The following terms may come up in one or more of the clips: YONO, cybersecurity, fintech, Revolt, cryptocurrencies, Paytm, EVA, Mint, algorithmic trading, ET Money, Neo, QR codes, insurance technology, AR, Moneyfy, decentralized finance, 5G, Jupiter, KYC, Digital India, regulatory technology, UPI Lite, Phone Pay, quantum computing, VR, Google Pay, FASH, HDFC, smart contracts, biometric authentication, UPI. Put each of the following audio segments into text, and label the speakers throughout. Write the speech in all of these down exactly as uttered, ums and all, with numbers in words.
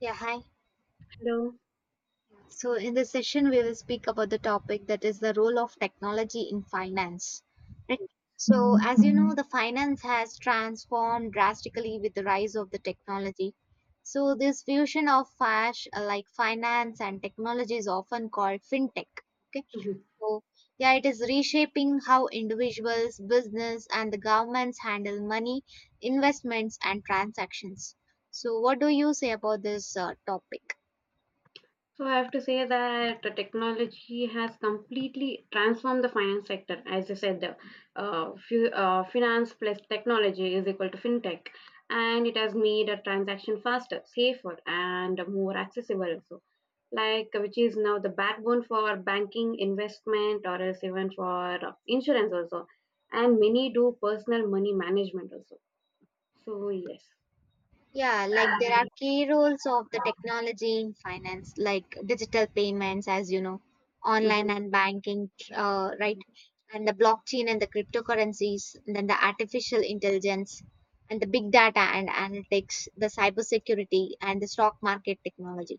Speaker 1: Yeah, hi.
Speaker 2: Hello.
Speaker 1: So, in this session, we will speak about the topic that is the role of technology in finance. Right? So, as you know, the finance has transformed drastically with the rise of the technology. So, this fusion of FASH, uh, like finance and technology, is often called fintech. Okay.
Speaker 2: Mhm.
Speaker 1: So, yeah, it is reshaping how individuals, business, and the governments handle money, investments, and transactions. So, what do you say about this uh, topic?
Speaker 2: So I have to say that the technology has completely transformed the finance sector. As you said, the uh, fu- uh, finance plus technology is equal to fintech, and it has made a transaction faster, safer, and more accessible. Also, like which is now the backbone for banking, investment, or else even for uh, insurance also, and many do personal money management also. So yes,
Speaker 1: Yeah, like there are key roles of the technology in finance, like digital payments, as you know, online
Speaker 2: hmm
Speaker 1: and banking, uh, right? And the blockchain and the cryptocurrencies, and then the artificial intelligence and the big data and analytics, the cybersecurity and the stock market technology.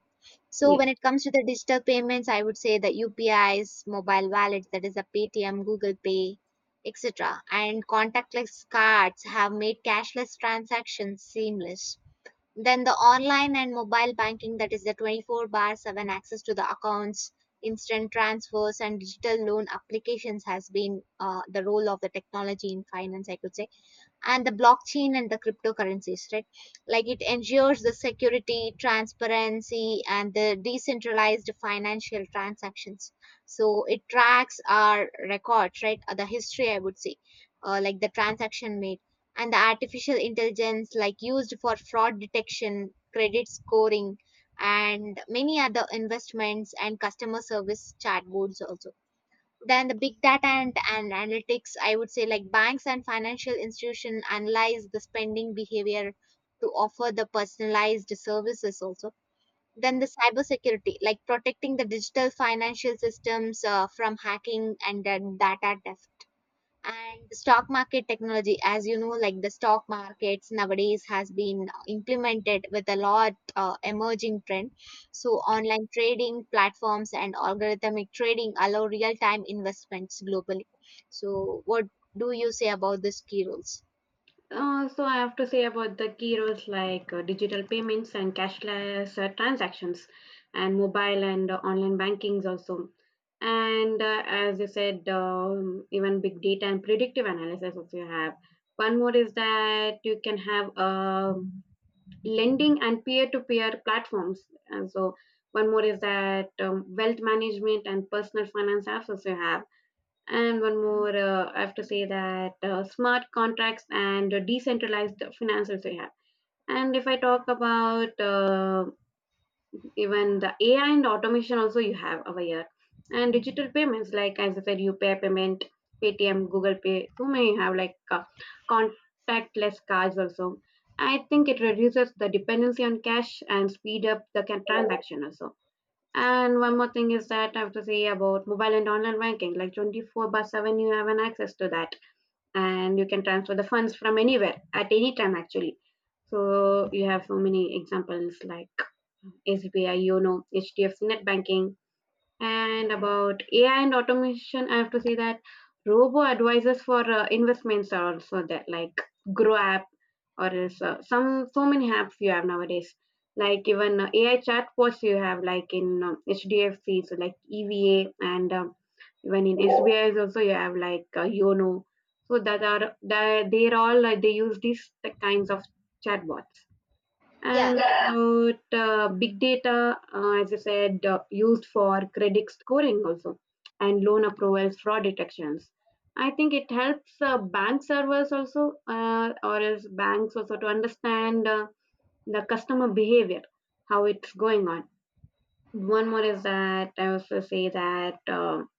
Speaker 1: So
Speaker 2: yes.
Speaker 1: when it comes to the digital payments, I would say the U P Is, mobile wallets, that is the Paytm, Google Pay, et cetera. And contactless cards have made cashless transactions seamless. Then the online and mobile banking, that is the twenty four bar seven access to the accounts, instant transfers, and digital loan applications has been uh, the role of the technology in finance, I could say. And the blockchain and the cryptocurrencies, right? Like, it ensures the security, transparency, and the decentralized financial transactions. So it tracks our records, right? Uh, the history, I would say, uh, like the transaction made. And the artificial intelligence, like, used for fraud detection, credit scoring, and many other investments and customer service chatbots also. Then the big data and, and analytics, I would say, like banks and financial institutions analyze the spending behavior to offer the personalized services also. Then the cybersecurity, like protecting the digital financial systems uh, from hacking and then data theft. And the stock market technology, as you know, like the stock markets nowadays has been implemented with a lot uh, emerging trend. So online trading platforms and algorithmic trading allow real time investments globally. So what do you say about these key rules?
Speaker 2: Uh, so I have to say about the key roles like uh, digital payments and cashless uh, transactions, and mobile and uh, online bankings also. And uh, as you said, um, even big data and predictive analysis also you have. One more is that you can have um lending and peer-to-peer platforms. And so one more is that um, wealth management and personal finance apps also you have, and one more, uh, I have to say that uh, smart contracts and uh, decentralized finances we have. And if I talk about uh, even the A I and automation also you have over here. And digital payments, like as I said, U P I payment, Paytm, Google Pay, so many you have like uh, contactless cards also. I think it reduces the dependency on cash and speed up the ca- transaction also, and one more thing is that I have to say about mobile and online banking. Like twenty-four by seven, you have an access to that, and you can transfer the funds from anywhere at any time, actually. So you have so many examples like S B I, YONO, HDFC Net Banking, and about A I and automation, I have to say that robo advisors for uh, investments are also there, like Grow app or else uh, some so many apps you have nowadays. Like even uh, A I chatbots you have, like in um, H D F C, so like EVA, and um, even in S B I is also you have like uh, Yono. So that are that they're all uh, they use these kinds of chatbots
Speaker 1: yeah
Speaker 2: and uh, uh, big data, uh, as I said, uh, used for credit scoring also and loan approvals, fraud detections. I think it helps uh, bank servers also, uh, or else banks also to understand uh, the customer behavior, how it's going on. One more is that I also say that um,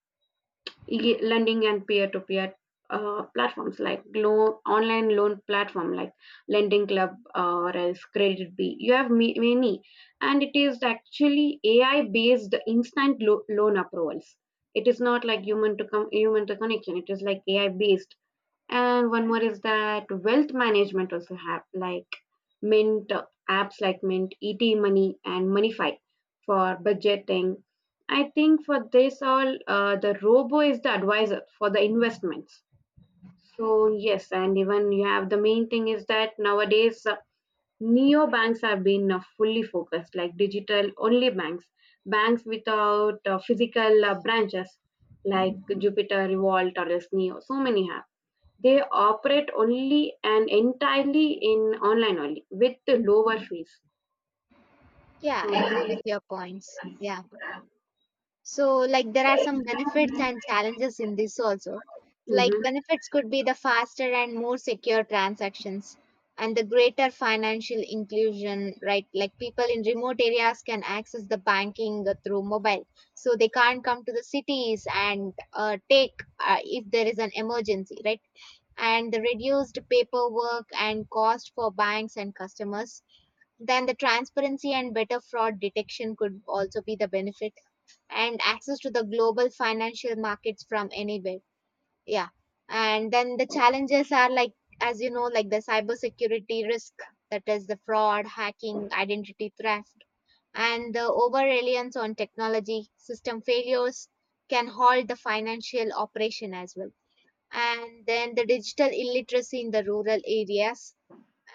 Speaker 2: e- lending and peer-to-peer uh, platforms like loan, online loan platform like lending club uh, or else credit b you have ma- many, and it is actually ai based instant lo- loan approvals. It is not like human to come human to connection, it is like ai based. And one more is that wealth management also have like Mint uh, apps like Mint, E T Money, and Moneyfy for budgeting. I think for this all, uh, the robo is the advisor for the investments. So yes, and even you have, the main thing is that nowadays uh, neo banks have been uh, fully focused, like digital only banks, banks without uh, physical uh, branches like Jupiter, Revolt, or else Neo. So many have. They operate only and entirely in online only with the lower fees.
Speaker 1: yeah I agree
Speaker 2: So,
Speaker 1: with your points, yeah. So, like, there are some benefits and challenges in this also. Like,
Speaker 2: mhm.
Speaker 1: benefits could be the faster and more secure transactions and the greater financial inclusion, right? Like, people in remote areas can access the banking uh, through mobile. So, they can't come to the cities and uh, take uh, if there is an emergency, right? And the reduced paperwork and cost for banks and customers. Then, the transparency and better fraud detection could also be the benefit, and access to the global financial markets from anywhere. Yeah. And then the challenges are, like, as you know, like the cybersecurity risk, that is the fraud, hacking, identity theft, and the over reliance on technology, system failures can halt the financial operation as well. And then the digital illiteracy in the rural areas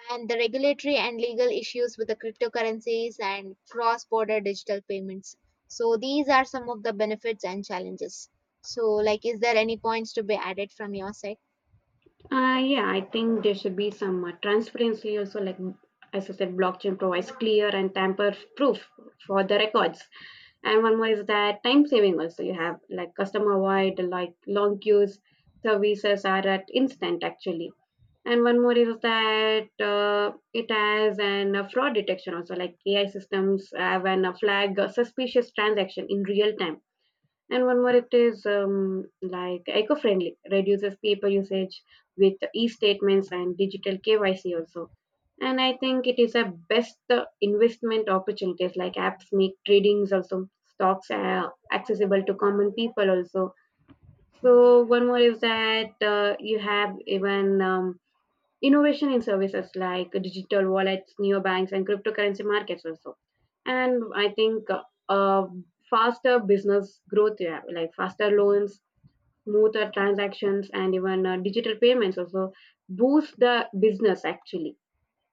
Speaker 1: and the regulatory and legal issues with the cryptocurrencies and cross border digital payments. So, these are some of the benefits and challenges. So, like, is there any points to be added from your side?
Speaker 2: Uh, yeah, I think there should be some uh, transparency also. Like as I said, blockchain provides clear and tamper-proof for the records. And one more is that time saving also. You have like customer wide, like long queues, services are at instant actually. And one more is that uh, it has an uh, fraud detection also, like A I systems have an uh, flag a suspicious transaction in real time. And one more, it is um, like eco-friendly, reduces paper usage with e-statements and digital K Y C also. And I think it is a best uh, investment opportunities, like apps make tradings also, stocks are accessible to common people also. So one more is that uh, you have even um, innovation in services like digital wallets, neobanks, and cryptocurrency markets also. And I think uh, uh, faster business growth, yeah, like faster loans, smoother transactions, and even uh, digital payments also boost the business actually.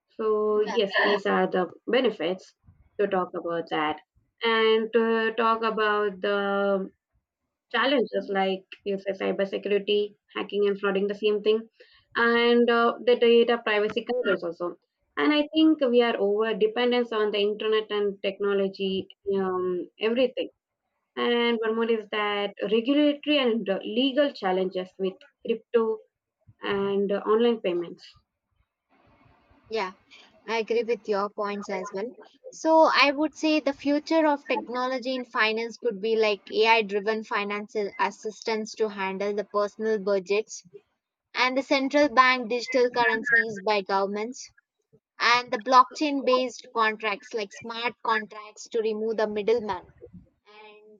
Speaker 2: So
Speaker 1: Yeah,
Speaker 2: yes, these are the benefits to talk about that, and to talk about the challenges like you say cybersecurity, hacking and flooding, the same thing, and uh, the data privacy concerns also. And I think we are over dependence on the internet and technology, um, everything. And one more is that regulatory and uh, legal challenges with crypto and uh, online payments.
Speaker 1: yeah, I agree with your points as well. So I would say the future of technology in finance could be like A I driven financial assistance to handle the personal budgets, and the central bank digital currencies by governments, and the blockchain based contracts like smart contracts to remove the middleman,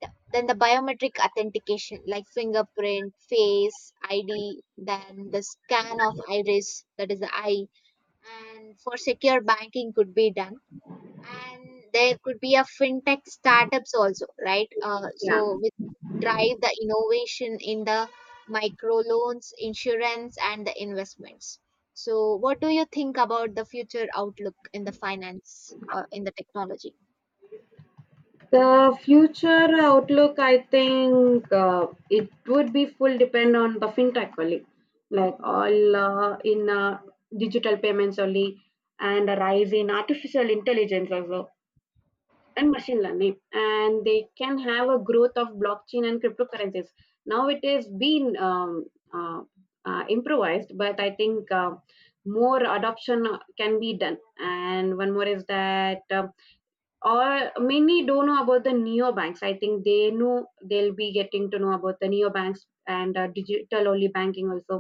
Speaker 1: and then the biometric authentication like fingerprint, face id, then the scan of iris, that is the eye, and for secure banking could be done. And there could be a fintech startups also, right? Uh,
Speaker 2: Yeah.
Speaker 1: so we drive the innovation in the microloans, insurance, and the investments. So what do you think about the future outlook in the finance uh, in the technology?
Speaker 2: The future outlook, I think uh, it would be full depend on the fintech only, like all uh, in uh, digital payments only, and a rise in artificial intelligence as well and machine learning, and they can have a growth of blockchain and cryptocurrencies. Now it is being um, uh, uh, improvised, but I think uh, more adoption can be done. And one more is that. Um or many don't know about the neobanks. I think they know they'll be getting to know about the neobanks and uh, digital only banking also,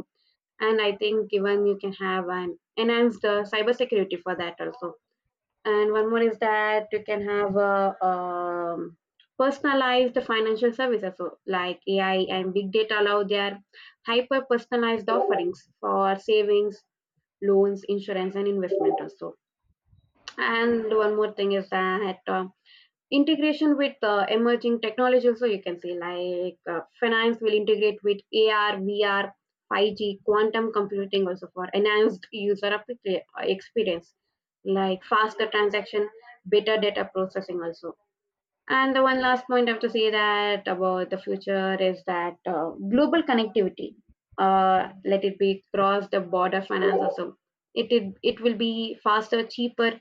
Speaker 2: and I think even you can have an enhanced uh, cyber security for that also. And one more is that you can have a, um, personalized financial services, so like ai and big data allow their hyper personalized offerings for savings, loans, insurance and investment also. And one more thing is that uh, integration with uh, emerging technology also, you can say like uh, finance will integrate with A R, V R, five G, quantum computing also for enhanced user appli- uh, experience like faster transaction, better data processing also. And the one last point I have to say that about the future is that uh, global connectivity, uh, let it be cross the border finance also. It, it it will be faster, cheaper,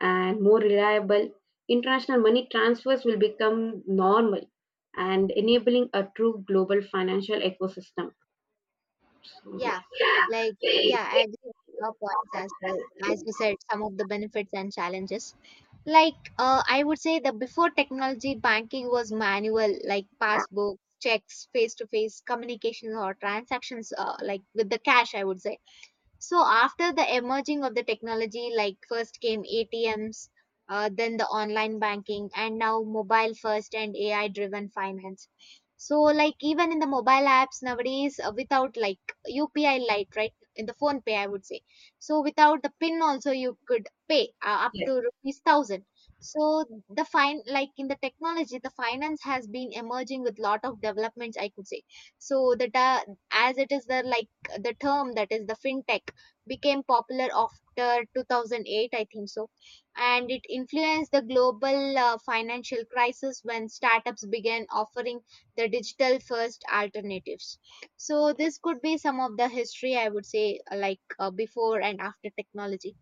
Speaker 2: and more reliable, international money transfers will become normal and enabling a true global financial ecosystem. So,
Speaker 1: Yeah, like
Speaker 2: yes.
Speaker 1: yeah,
Speaker 2: Yeah.
Speaker 1: I agree with your points as well. As you said, some of the benefits and challenges. Like uh, I would say that before technology, banking was manual, like passbooks, checks, face-to-face communications or transactions, uh, like with the cash, I would say. So after the emerging of the technology, like first came A T Ms, uh, then the online banking, and now mobile first and A I driven finance. So like even in the mobile apps nowadays, uh, without like U P I Lite, right? In the phone pay, I would say. So without the pin also you could pay uh, up
Speaker 2: Yes.
Speaker 1: to rupees thousand. So the fine like in the technology, the finance has been emerging with lot of developments, I could say. So the ta- as it is the like the term that is the fintech became popular after two thousand eight, I think so. And it influenced the global uh, financial crisis when startups began offering the digital first alternatives. So this could be some of the history, I would say, uh, like uh, before and after technology.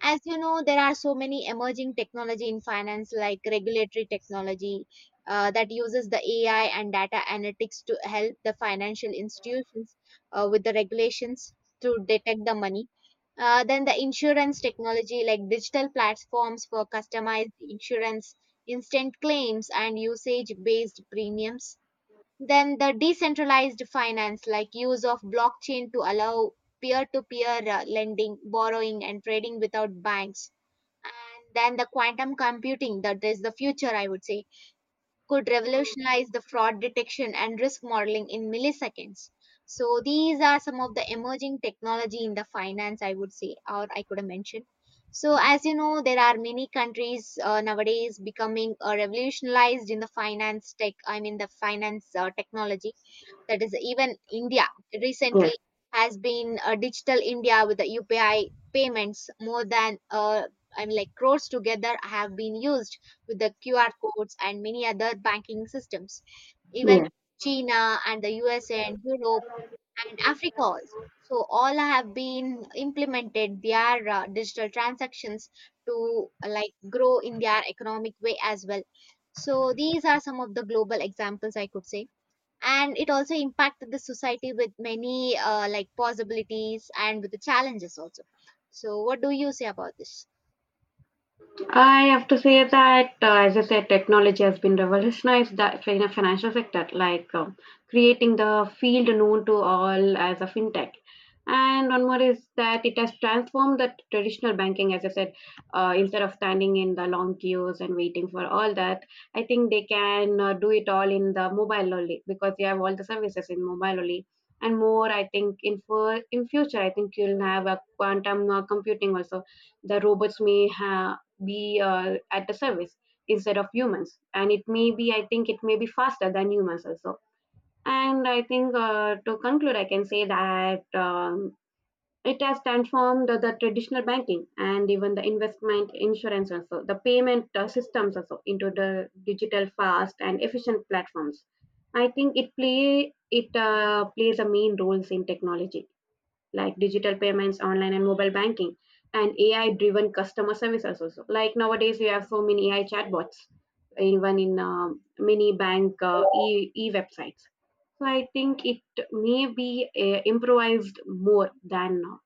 Speaker 1: As you know, there are so many emerging technology in finance like regulatory technology, uh, that uses the AI and data analytics to help the financial institutions uh, with the regulations to detect the money. Uh, then the insurance technology, like digital platforms for customized insurance, instant claims, and usage based premiums. Then the decentralized finance, like use of blockchain to allow peer-to-peer uh, lending, borrowing, and trading without banks. And then the quantum computing, that is the future, I would say, could revolutionize the fraud detection and risk modeling in milliseconds. So these are some of the emerging technology in the finance, I would say, or I could have mentioned. So, as you know, there are many countries uh, nowadays becoming uh, revolutionized in the finance tech, I mean, the finance uh, technology. That is, even India recently has been uh, digital India with the U P I payments. More than uh, I mean, like, crores together have been used with the Q R codes and many other banking systems. Even
Speaker 2: Yes.
Speaker 1: China and the U S A and Europe and Africa also, so all have been implemented their uh, digital transactions to uh, like grow in their economic way as well. So these are some of the global examples, I could say. And it also impacted the society with many uh, like possibilities and with the challenges also. So what do you say about this?
Speaker 2: I have to say that, uh, as I said, technology has been revolutionized the in the financial sector, like um, creating the field known to all as a fintech. And one more is that it has transformed the traditional banking, as I said, uh, instead of standing in the long queues and waiting for all that, I think they can uh, do it all in the mobile only because they have all the services in mobile only. And more, I think in for in future, I think you'll have a quantum uh, computing also. The robots may have be uh, at the service instead of humans, and it may be, I think it may be faster than humans also. And I think uh, to conclude I can say that um, it has transformed the, the traditional banking and even the investment insurance also, the payment uh, systems also, into the digital fast and efficient platforms. I think it play it uh, plays a main roles in technology like digital payments, online and mobile banking, and A I driven customer services also. So, like nowadays, we have so many A I chatbots, even in um many bank uh, e-, e websites. So I think it may be uh, improvised more than now.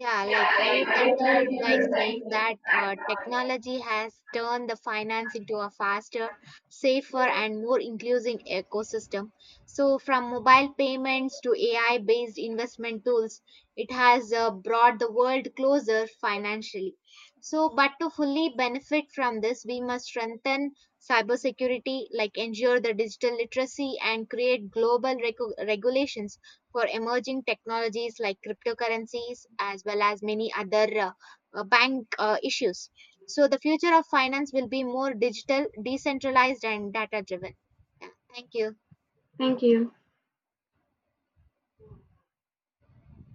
Speaker 1: Yeah, like I would conclude by saying that uh, technology has turned the finance into a faster, safer, and more inclusive ecosystem. So, from mobile payments to A I based investment tools, it has uh, brought the world closer financially. So, but to fully benefit from this, we must strengthen cybersecurity, like ensure the digital literacy, and create global recu- regulations for emerging technologies like cryptocurrencies, as well as many other uh, uh, bank uh, issues. So the future of finance will be more digital, decentralized, and data driven. Yeah, thank you.
Speaker 2: Thank you.